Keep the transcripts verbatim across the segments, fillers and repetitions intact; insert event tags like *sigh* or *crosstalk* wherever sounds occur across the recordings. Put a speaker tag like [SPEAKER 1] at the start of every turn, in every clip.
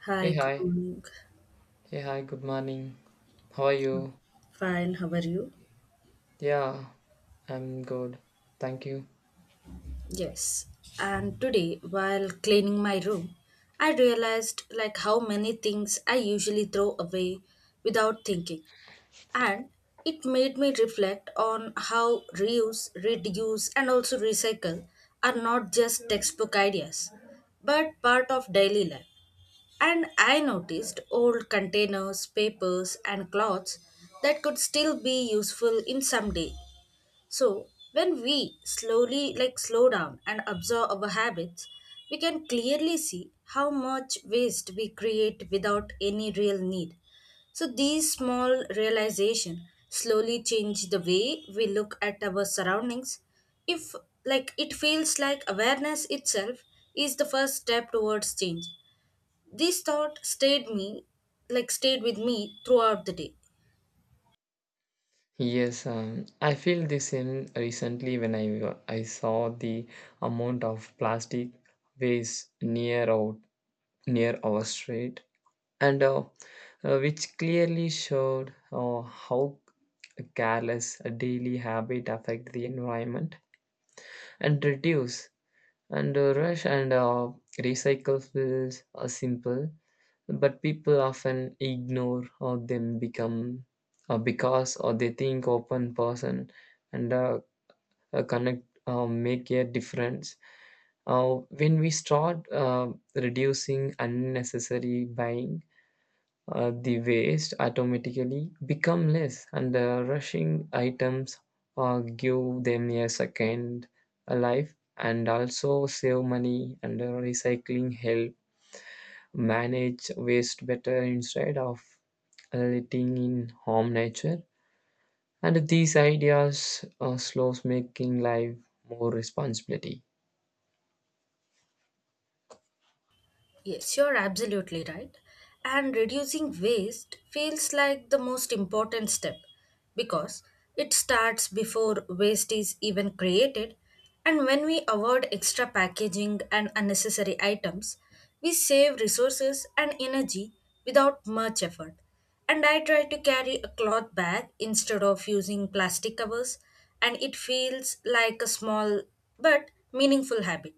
[SPEAKER 1] Hi,
[SPEAKER 2] Hey,
[SPEAKER 1] good
[SPEAKER 2] hi.
[SPEAKER 1] morning.
[SPEAKER 2] Hey, hi. Good morning. How are you?
[SPEAKER 1] Fine, how are you?
[SPEAKER 2] Yeah, I'm good. Thank you.
[SPEAKER 1] Yes. And today, while cleaning my room, I realized like how many things I usually throw away without thinking. And it made me reflect on how reuse, reduce, and also recycle are not just textbook ideas, but part of daily life. And I noticed old containers, papers, and cloths that could still be useful in some day. So, when we slowly like slow down and observe our habits, we can clearly see how much waste we create without any real need. So, these small realization slowly change the way we look at our surroundings. If like It feels like awareness itself is the first step towards change. This thought stayed me like stayed with me throughout the day.
[SPEAKER 2] Yes, um, I feel the same recently when I I saw the amount of plastic waste near our near our street, and uh, uh, which clearly showed uh, how careless a daily habit affect the environment and reduce and uh, rush and uh, recycle feels uh, simple but people often ignore or them become uh, because or they think open person and uh, uh, connect uh, make a difference uh, when we start uh, reducing unnecessary buying, uh, the waste automatically become less and the rushing items uh, give them a second life and also save money and uh, recycling help manage waste better instead of letting in harm nature and these ideas uh, slows making life more responsibility.
[SPEAKER 1] Yes, you're absolutely right. And reducing waste feels like the most important step because it starts before waste is even created. And when we avoid extra packaging and unnecessary items, we save resources and energy without much effort. And I try to carry a cloth bag instead of using plastic covers, and it feels like a small but meaningful habit,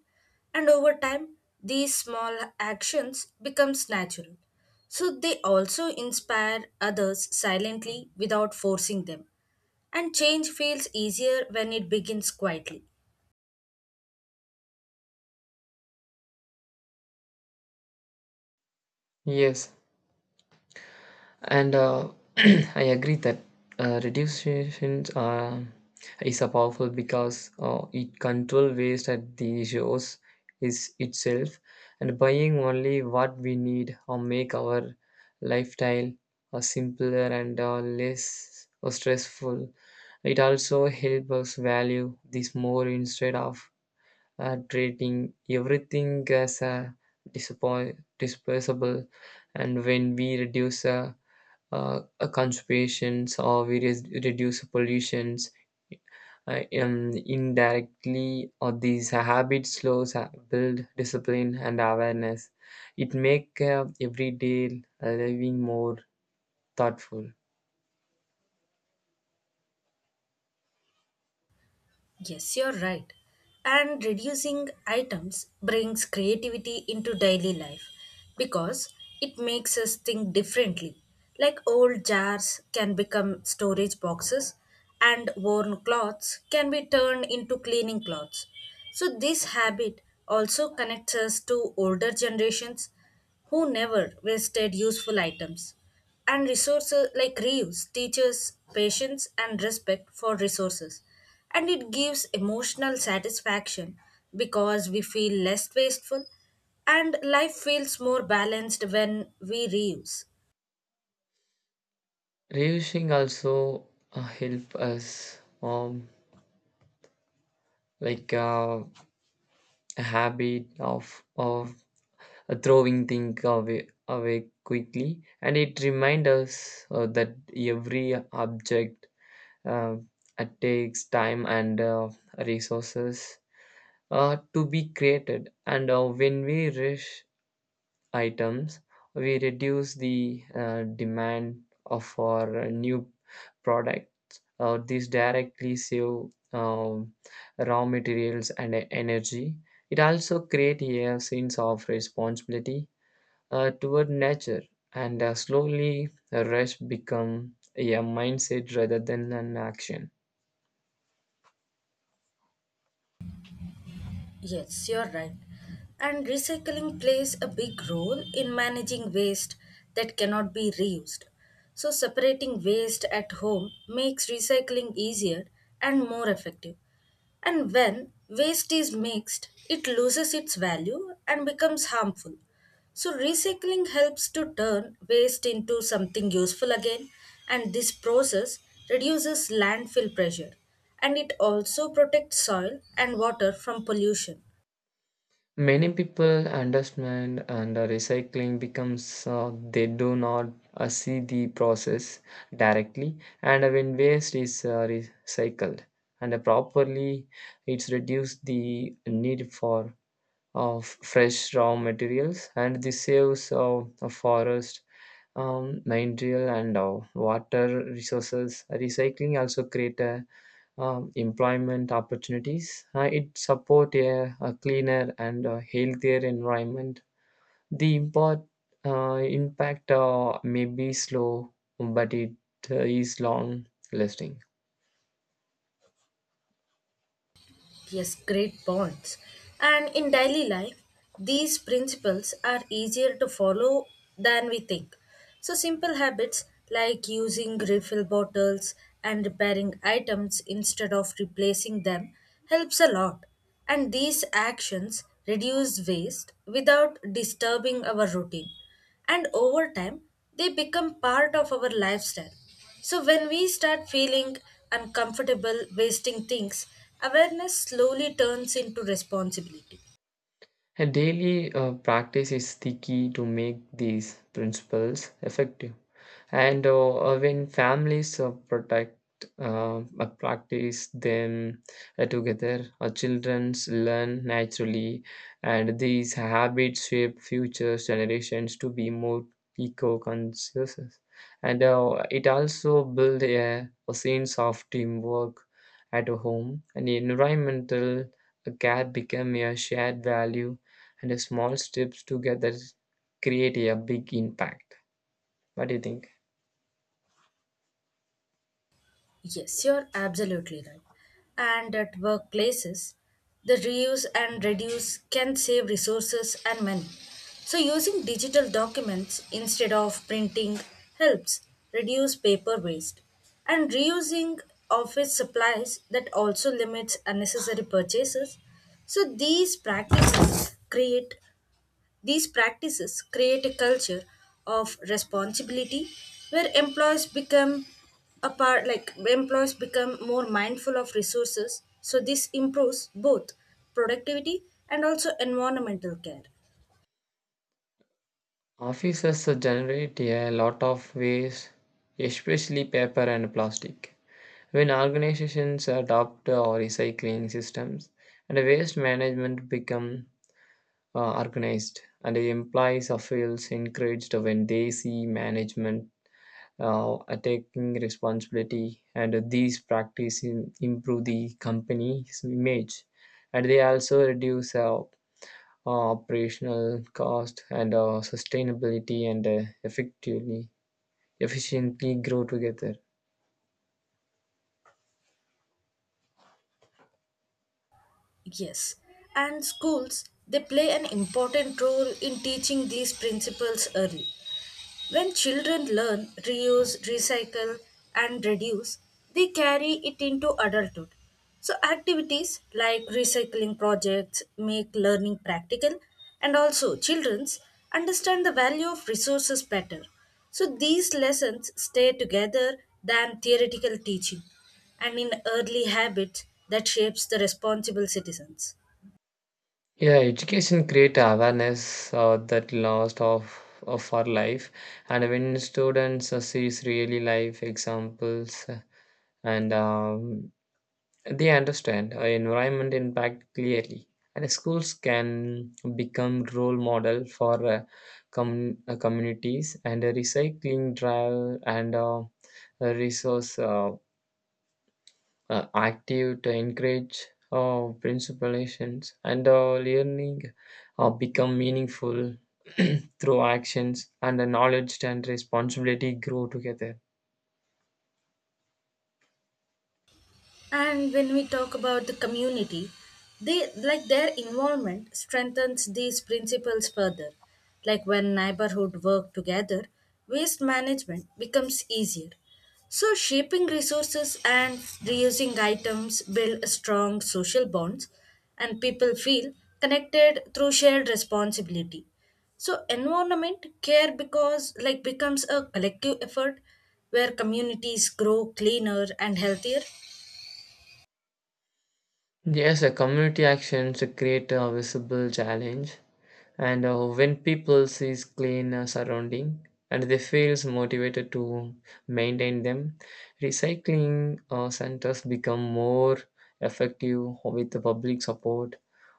[SPEAKER 1] and over time, these small actions becomes natural. So they also inspire others silently without forcing them. And change feels easier when it begins quietly.
[SPEAKER 2] Yes, and uh, *clears throat* I agree that uh, reduction uh, is a powerful because uh, it control waste at the source is itself, and buying only what we need or make our lifestyle uh, simpler and uh, less uh, stressful. It also helps us value this more instead of uh, treating everything as a disappoint, disposable. And when we reduce uh, uh, uh, conservations or we res- reduce pollutions, uh, um, indirectly or these habits slows uh, build discipline and awareness. It make uh, everyday living more thoughtful.
[SPEAKER 1] Yes, you're right. And reducing items brings creativity into daily life because it makes us think differently. Like old jars can become storage boxes, and worn cloths can be turned into cleaning cloths. So, this habit also connects us to older generations who never wasted useful items. And resources like reuse teaches patience and respect for resources. And it gives emotional satisfaction because we feel less wasteful and life feels more balanced when we reuse.
[SPEAKER 2] Reducing also uh, help us um, like uh, a habit of of uh, throwing things away away quickly, and it reminds us uh, that every object uh, uh, takes time and uh, resources uh, to be created, and uh, when we rush items, we reduce the uh, demand of our uh, new product. Uh, these directly save um, raw materials and e- energy. It also creates a sense of responsibility uh, toward nature, and uh, slowly the rest become a mindset rather than an action.
[SPEAKER 1] Yes, you're right. And recycling plays a big role in managing waste that cannot be reused. So, separating waste at home makes recycling easier and more effective. And when waste is mixed, it loses its value and becomes harmful. So, recycling helps to turn waste into something useful again, and this process reduces landfill pressure and it also protects soil and water from pollution.
[SPEAKER 2] Many people understand and uh, recycling becomes uh, they do not uh, see the process directly, and when waste is uh, recycled and properly, it's reduced the need for of fresh raw materials, and this saves uh, a forest um, material and uh, water resources. Recycling also create uh, um, employment opportunities. Uh, it support a, a cleaner and a healthier environment. The import, uh, impact uh, may be slow but it uh, is long lasting.
[SPEAKER 1] Yes, great points. And in daily life, these principles are easier to follow than we think. So, simple habits like using refill bottles and repairing items instead of replacing them helps a lot. And these actions reduce waste without disturbing our routine. And over time, they become part of our lifestyle. So, when we start feeling uncomfortable wasting things, awareness slowly turns into responsibility.
[SPEAKER 2] A daily uh, practice is the key to make these principles effective. And uh, uh, when families uh, protect, uh, uh, practice them uh, together, uh, children learn naturally, and these habits shape future generations to be more eco-conscious. And uh, it also builds a, a sense of teamwork at home, and environmental care become a shared value, and the small steps together create a big impact. What do you think?
[SPEAKER 1] Yes, you're absolutely right. And at workplaces, the reuse and reduce can save resources and money. So, using digital documents instead of printing helps reduce paper waste. And reusing office supplies that also limits unnecessary purchases. So, these practices create these practices create a culture of responsibility where employees become a part like employees become more mindful of resources, so this improves both productivity and also environmental care.
[SPEAKER 2] Offices generate a lot of waste, especially paper and plastic. When organizations adopt uh, recycling systems, and waste management become uh, organized, and the employees are feels encouraged when they see management uh, taking responsibility, and these practices improve the company's image, and they also reduce uh, uh, operational cost, and uh, sustainability and uh, effectively efficiently grow together.
[SPEAKER 1] Yes, and schools they play an important role in teaching these principles early. When children learn reuse, recycle, and reduce, they carry it into adulthood. So, activities like recycling projects make learning practical, and also children understand the value of resources better. So these lessons stay together than theoretical teaching and in early habits that shapes the responsible citizens.
[SPEAKER 2] Yeah, education create awareness uh, that lost of of our life, and when students uh, sees really life examples, uh, and um, they understand uh, environment impact clearly, and schools can become role model for uh, com- uh, communities and uh, recycling drive and uh, uh, resource. Uh, uh, active to encourage uh, principalizations and uh, learning uh, become meaningful *clears throat* through actions, and the knowledge and responsibility grow together.
[SPEAKER 1] And when we talk about the community, they like their involvement strengthens these principles further. Like when neighborhood work together, waste management becomes easier. So shaping resources and reusing items build strong social bonds and people feel connected through shared responsibility. So environment care because like becomes a collective effort where communities grow cleaner and healthier.
[SPEAKER 2] Yes, a community actions create a visible challenge, and uh, when people sees clean uh, surrounding and they feels motivated to maintain them, recycling uh, centers become more effective with the public support.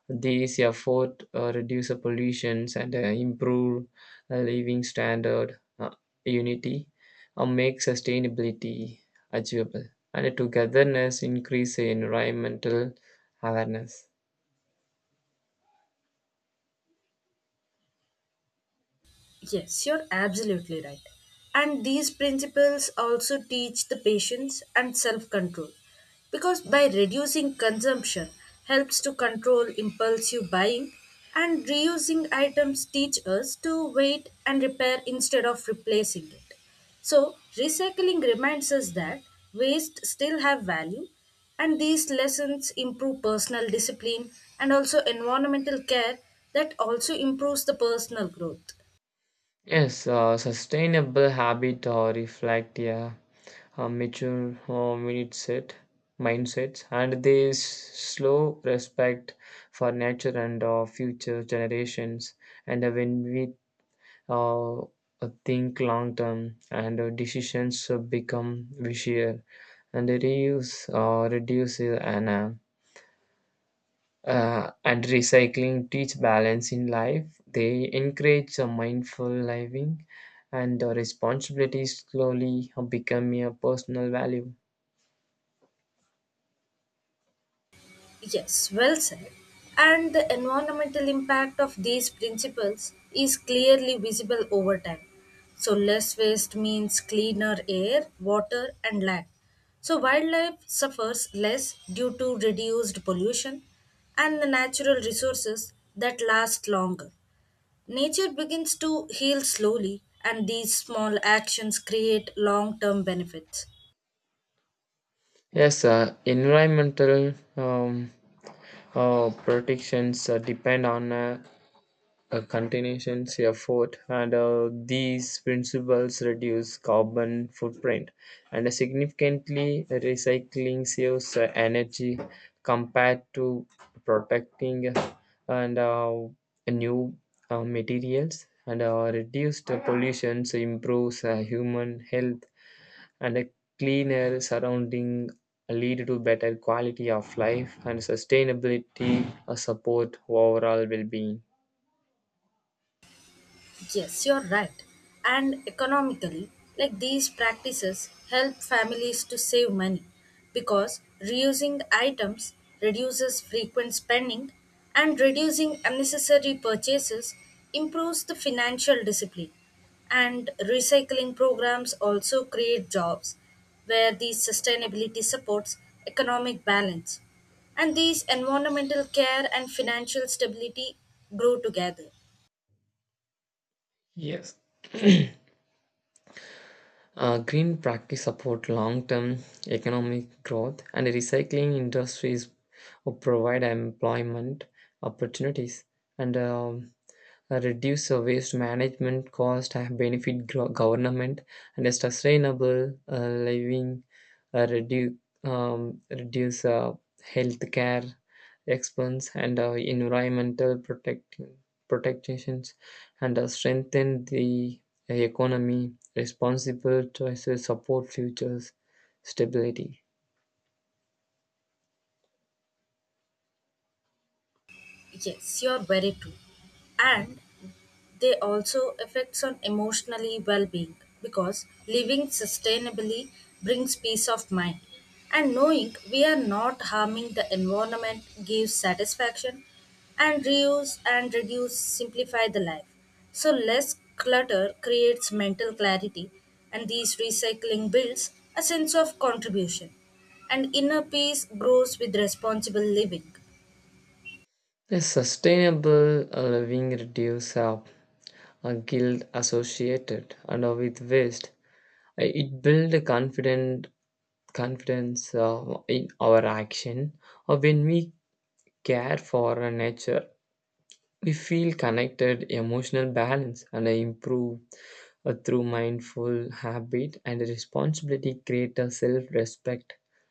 [SPEAKER 2] These efforts uh, reduce the pollutions and uh, improve uh, living standard, uh, unity, and make sustainability achievable. And togetherness increase environmental awareness.
[SPEAKER 1] Yes, you're absolutely right. And these principles also teach the patience and self control because by reducing consumption helps to control impulsive buying and reusing items teach us to wait and repair instead of replacing it. So, recycling reminds us that waste still have value and these lessons improve personal discipline and also environmental care that also improves the personal growth.
[SPEAKER 2] Yes, uh, sustainable habit or reflect, yeah, a mature uh, mindset, mindsets, and this slow respect for nature and our future generations. And when we uh, think long term, and uh, decisions uh, become vicious, and reuse uh, reduces and uh, uh, and recycling teach balance in life. They encourage a mindful living, and the responsibility slowly uh, become a personal value.
[SPEAKER 1] Yes, well said. And the environmental impact of these principles is clearly visible over time. So, less waste means cleaner air, water, and land. So, wildlife suffers less due to reduced pollution and the natural resources that last longer. Nature begins to heal slowly, and these small actions create long term benefits.
[SPEAKER 2] Yes, uh, environmental um, uh, protections uh, depend on uh, a continuous effort, and uh, these principles reduce carbon footprint and significantly recycling saves uh, energy compared to protecting and uh, new uh, materials, and uh, reduced pollution improves uh, human health, and a cleaner surrounding lead to better quality of life, and sustainability uh, support overall well-being.
[SPEAKER 1] Yes, you're right. And economically, like these practices help families to save money because reusing items reduces frequent spending and reducing unnecessary purchases improves the financial discipline. And recycling programs also create jobs where these sustainability supports economic balance. And these environmental care and financial stability grow together.
[SPEAKER 2] Yes, Uh, green practice support long-term economic growth, and the recycling industries will provide employment opportunities. And um, uh, reduce the waste management cost and benefit gro- government, and a sustainable uh, living uh, reduce um, reduce uh, healthcare expense, and uh, environmental protect protections and uh, strengthen the economy. Responsible choices support futures stability.
[SPEAKER 1] Yes, you're very true. And they also affects on emotionally well-being because living sustainably brings peace of mind and knowing we are not harming the environment gives satisfaction and reuse and reduce simplify the life, so less clutter creates mental clarity and these recycling builds a sense of contribution and inner peace grows with responsible living.
[SPEAKER 2] A sustainable uh, living reduce uh, uh, guilt associated and uh, with waste. Uh, It builds a confident confidence uh, in our action. Or when we care for our nature, we feel connected, emotional balance, and improve uh, through mindful habit and responsibility. Create a self-respect,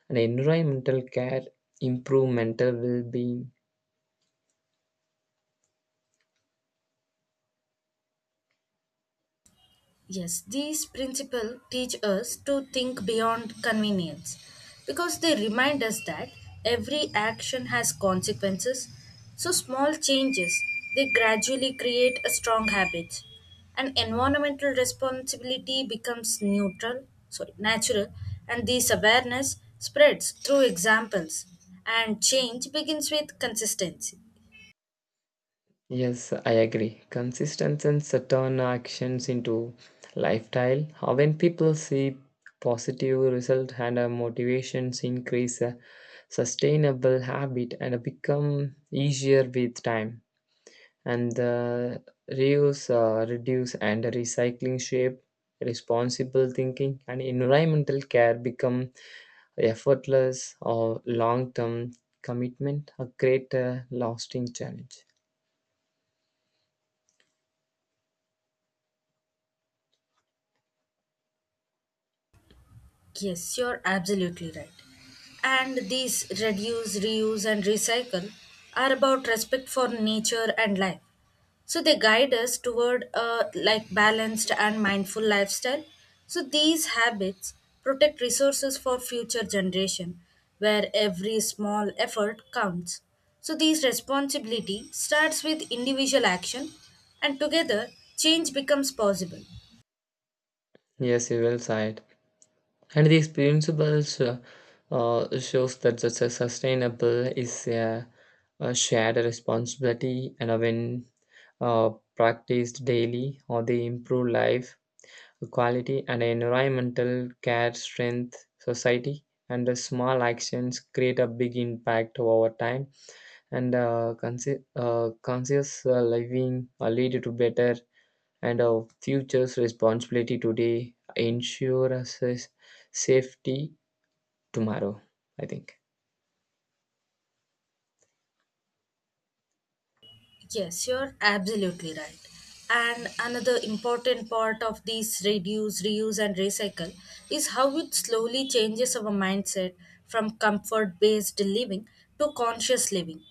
[SPEAKER 2] and environmental care improve mental well-being.
[SPEAKER 1] Yes, these principles teach us to think beyond convenience because they remind us that every action has consequences. So small changes they gradually create a strong habit. And environmental responsibility becomes neutral, sorry, natural, and this awareness spreads through examples and change begins with consistency.
[SPEAKER 2] Yes, I agree. Consistency and certain actions into lifestyle. How When people see positive result and uh, motivations increase, uh, sustainable habit and uh, become easier with time. And the reuse, uh, reduce, and recycling shape, responsible thinking, and environmental care become effortless or long-term commitment. A great uh, lasting challenge.
[SPEAKER 1] Yes, you're absolutely right. And these reduce, reuse, and recycle are about respect for nature and life. So they guide us toward a like balanced and mindful lifestyle. So these habits protect resources for future generation where every small effort counts. So these responsibility starts with individual action and together change becomes possible.
[SPEAKER 2] Yes, you will say it. And the experienceable sho- uh, shows that the su- sustainable is a, a shared responsibility, and when uh, practiced daily, or they improve life quality and environmental care, strength, society, and the small actions create a big impact over time. And uh, consi- uh, conscious uh, living uh, lead to better, and our futures responsibility today ensure us safety tomorrow, I think.
[SPEAKER 1] Yes, you're absolutely right. And another important part of this reduce, reuse, and recycle is how it slowly changes our mindset from comfort based living to conscious living.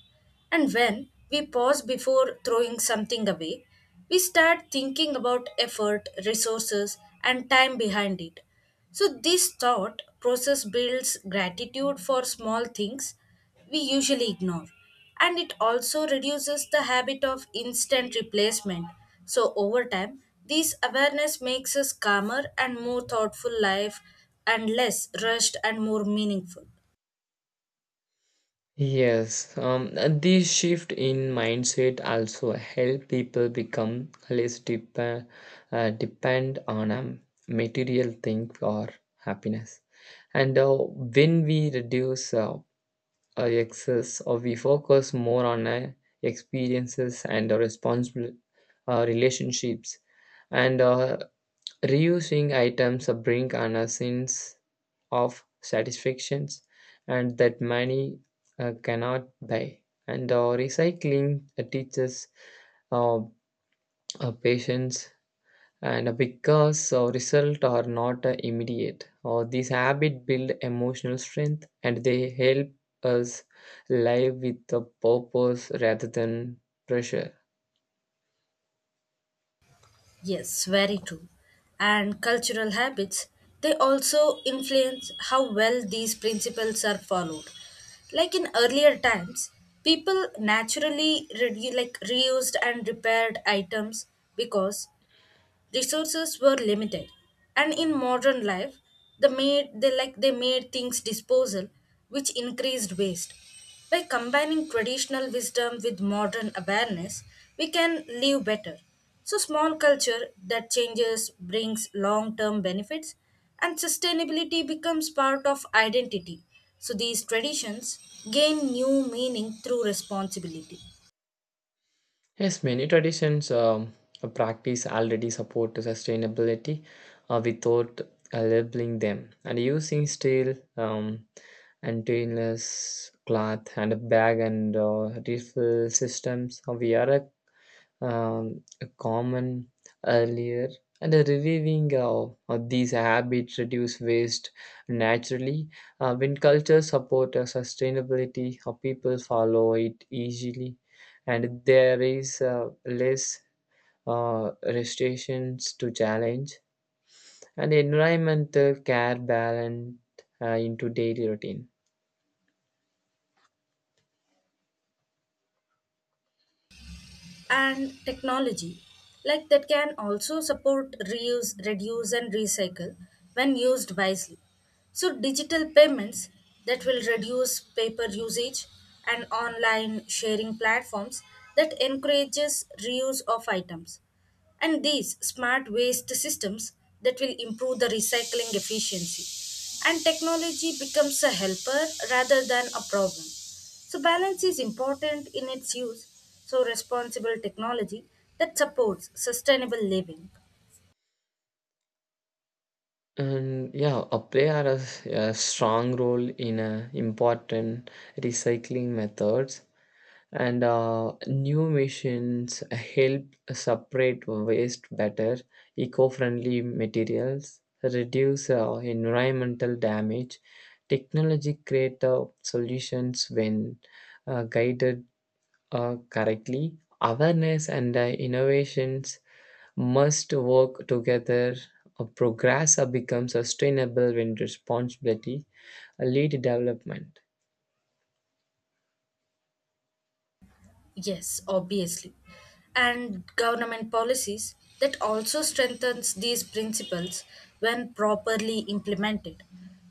[SPEAKER 1] And when we pause before throwing something away, we start thinking about effort, resources, and time behind it. So, this thought process builds gratitude for small things we usually ignore and it also reduces the habit of instant replacement. So over time, this awareness makes us calmer and more thoughtful life and less rushed and more meaningful.
[SPEAKER 2] Yes, um this shift in mindset also help people become less dep- uh, depend on um, material thing or happiness, and uh, when we reduce uh, our excess, or we focus more on uh, experiences and uh, responsible uh, relationships, and uh, reusing items uh, bring on a sense of satisfactions and that money uh, cannot buy. And uh, recycling uh, teaches uh, uh, patience and uh, because uh, results are not uh, immediate. Uh, these habits build emotional strength, and they help us live with a purpose rather than pressure.
[SPEAKER 1] Yes, very true. And cultural habits, they also influence how well these principles are followed. Like in earlier times, people naturally redu- like reused and repaired items because resources were limited and in modern life they made they like they made things disposal, which increased waste. By combining traditional wisdom with modern awareness we can live better, so small culture that changes brings long term benefits and sustainability becomes part of identity, so these traditions gain new meaning through responsibility.
[SPEAKER 2] Yes, many traditions um, practice already support sustainability uh, without uh, labeling them, and using steel um, and stainless cloth and a bag and uh, refill systems. Uh, We are a um, common earlier, and the reviving of, of these habits reduce waste naturally. Uh, when cultures support uh, sustainability, uh, people follow it easily, and there is uh, less uh, restrictions to challenge, and environmental care balance uh, into daily routine.
[SPEAKER 1] And technology like that can also support reuse, reduce, and recycle when used wisely, so digital payments that will reduce paper usage and online sharing platforms that encourages reuse of items and these smart waste systems that will improve the recycling efficiency, and technology becomes a helper rather than a problem, so balance is important in its use, so responsible technology that supports sustainable living.
[SPEAKER 2] And yeah, uh, play are a, s- a strong role in uh, important recycling methods, and uh, new machines help separate waste better. Eco-friendly materials reduce uh, environmental damage. Technology create uh, solutions when uh, guided uh, correctly. Awareness and uh, innovations must work together. Uh, progress uh, becomes sustainable when responsibility uh, lead development.
[SPEAKER 1] Yes, obviously. And government policies that also strengthens these principles when properly implemented.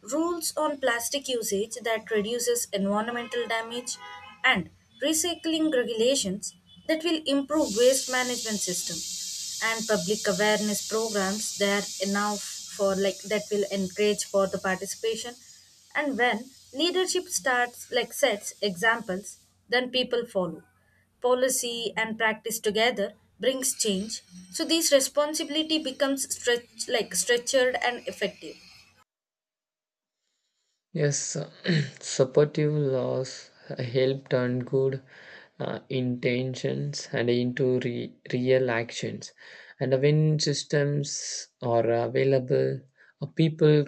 [SPEAKER 1] Rules on plastic usage that reduces environmental damage and recycling regulations that will improve waste management system and public awareness programs that enough for like that will encourage for the participation, and when leadership starts like sets examples then people follow, policy and practice together brings change, so these responsibility becomes stretch like structured and effective.
[SPEAKER 2] Yes, *clears throat* supportive laws help turn good uh, intentions and into re- real actions. And when systems are available, uh, people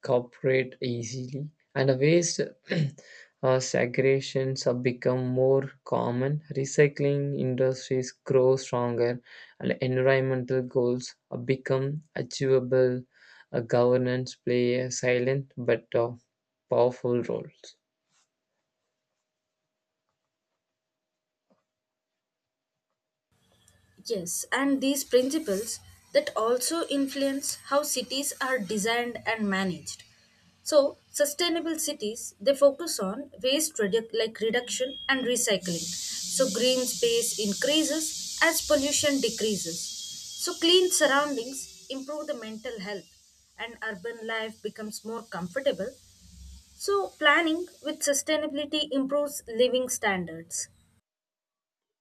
[SPEAKER 2] cooperate easily, and waste *clears throat* uh, segregations have become more common. Recycling industries grow stronger, and environmental goals uh, become achievable. Uh, governance play a silent but uh, powerful roles.
[SPEAKER 1] Yes, and these principles that also influence how cities are designed and managed. So, sustainable cities they focus on waste redu- like reduction and recycling. So, green space increases as pollution decreases. So, clean surroundings improve the mental health and urban life becomes more comfortable. So, planning with sustainability improves living standards.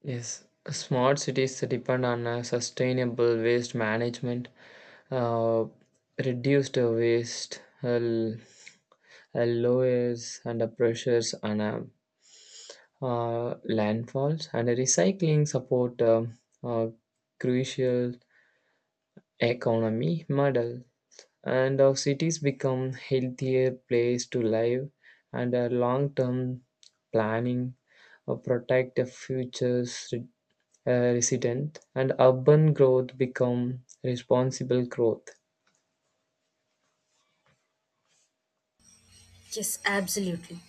[SPEAKER 2] Yes, smart cities depend on uh, sustainable waste management, uh, reduced waste, uh, l- uh, lowers under pressures on uh, uh, landfalls, and recycling support um uh, crucial economy model. And our cities become healthier place to live, and a long-term planning uh, protect the future's re- uh, resident, and urban growth become responsible growth.
[SPEAKER 1] Yes, absolutely.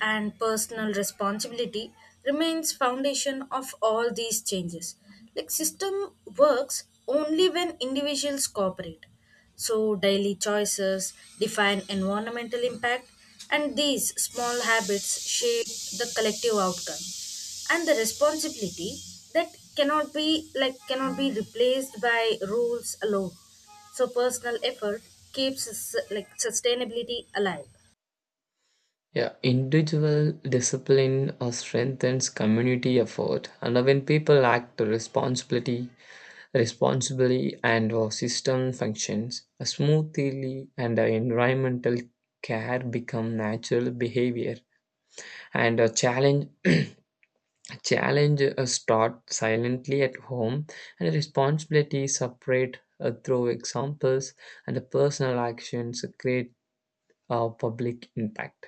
[SPEAKER 1] And personal responsibility remains foundation of all these changes. Like system works only when individuals cooperate. So daily choices define environmental impact and these small habits shape the collective outcome. And the responsibility that cannot be like cannot be replaced by rules alone. So personal effort keeps sus- like sustainability alive.
[SPEAKER 2] Yeah, individual discipline uh, strengthens community effort, and when people act responsibility, responsibly, and our system functions smoothly, and the environmental care become natural behavior, and a challenge *clears throat* Challenge uh, start silently at home, and responsibility separate uh, through examples, and the personal actions create a public impact.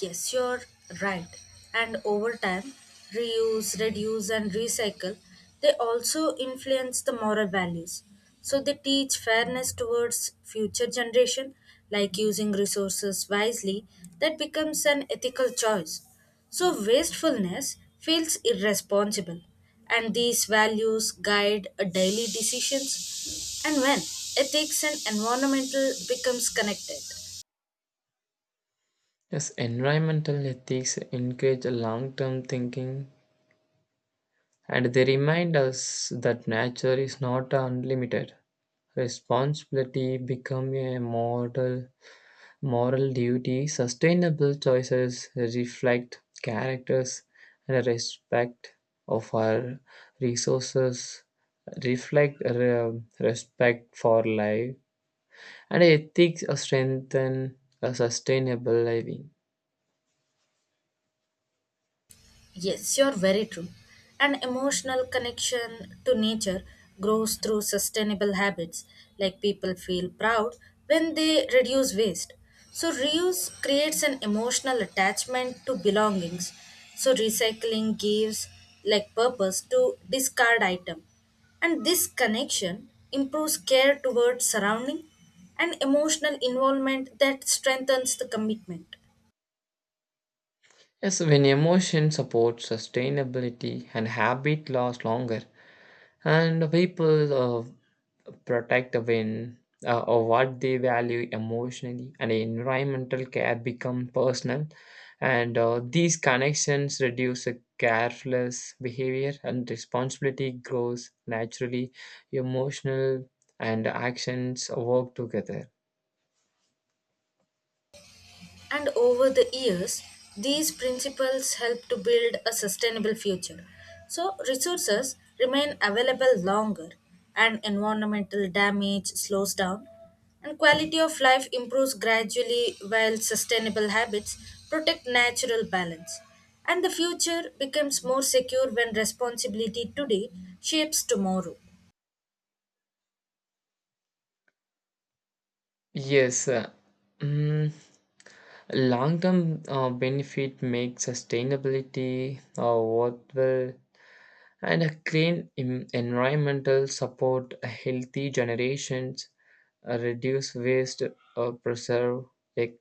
[SPEAKER 1] Yes, you're right. And over time, reuse, reduce, and recycle, they also influence the moral values. So they teach fairness towards future generation, like using resources wisely, that becomes an ethical choice. So wastefulness feels irresponsible, and these values guide a daily decisions and when ethics and environmental becomes connected.
[SPEAKER 2] Yes, environmental ethics encourage long term thinking, and they remind us that nature is not unlimited. Responsibility become a model moral duty. Sustainable choices reflect characters and respect of our resources, reflect uh, respect for life, and ethics strengthen a sustainable living.
[SPEAKER 1] Yes, you're very true. An emotional connection to nature grows through sustainable habits, like people feel proud when they reduce waste. So, reuse creates an emotional attachment to belongings. So, recycling gives like purpose to discard item. And this connection improves care towards surrounding and emotional involvement that strengthens the commitment.
[SPEAKER 2] Yes, when emotion supports sustainability and habit lasts longer, and people uh, protect when uh, or what they value emotionally, and environmental care become personal. And uh, these connections reduce a careless behavior, and responsibility grows naturally. Emotional and actions work together.
[SPEAKER 1] And over the years, these principles help to build a sustainable future. So, resources remain available longer, and environmental damage slows down, and quality of life improves gradually while sustainable habits protect natural balance. And the future becomes more secure when responsibility today shapes tomorrow.
[SPEAKER 2] Yes. uh, mm, Long-term uh, benefit makes sustainability uh, worthwhile, and a clean em- environmental support a healthy generations. Uh, reduce waste, uh, preserve ec-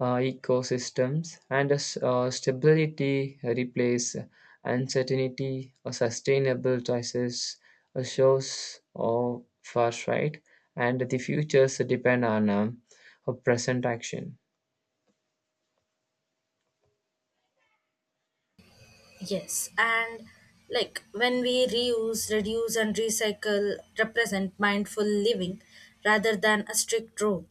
[SPEAKER 2] uh, ecosystems, and as uh, stability replace uncertainty, a sustainable choices uh, shows of far right, and the futures depend on um, uh, present action.
[SPEAKER 1] Yes, and like when we reuse, reduce, and recycle represent mindful living rather than a strict rule.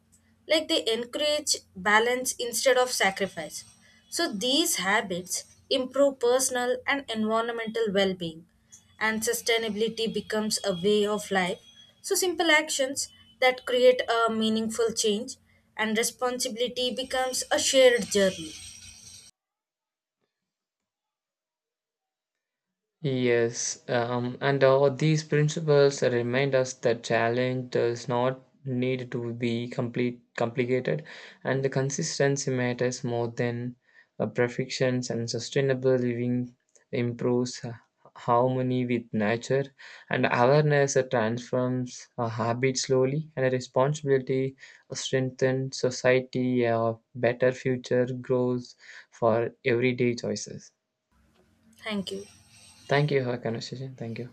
[SPEAKER 1] Like they encourage balance instead of sacrifice. So these habits improve personal and environmental well being, and sustainability becomes a way of life. So simple actions that create a meaningful change and responsibility becomes a shared journey.
[SPEAKER 2] Yes, um, and all these principles remind us that challenge does not need to be complete complicated, and the consistency matters more than uh, perfections. And sustainable living improves uh, harmony with nature, and awareness uh, transforms a habit slowly, and responsibility strengthens society. A better future grows for everyday choices.
[SPEAKER 1] Thank you.
[SPEAKER 2] Thank you for your conversation. Thank you.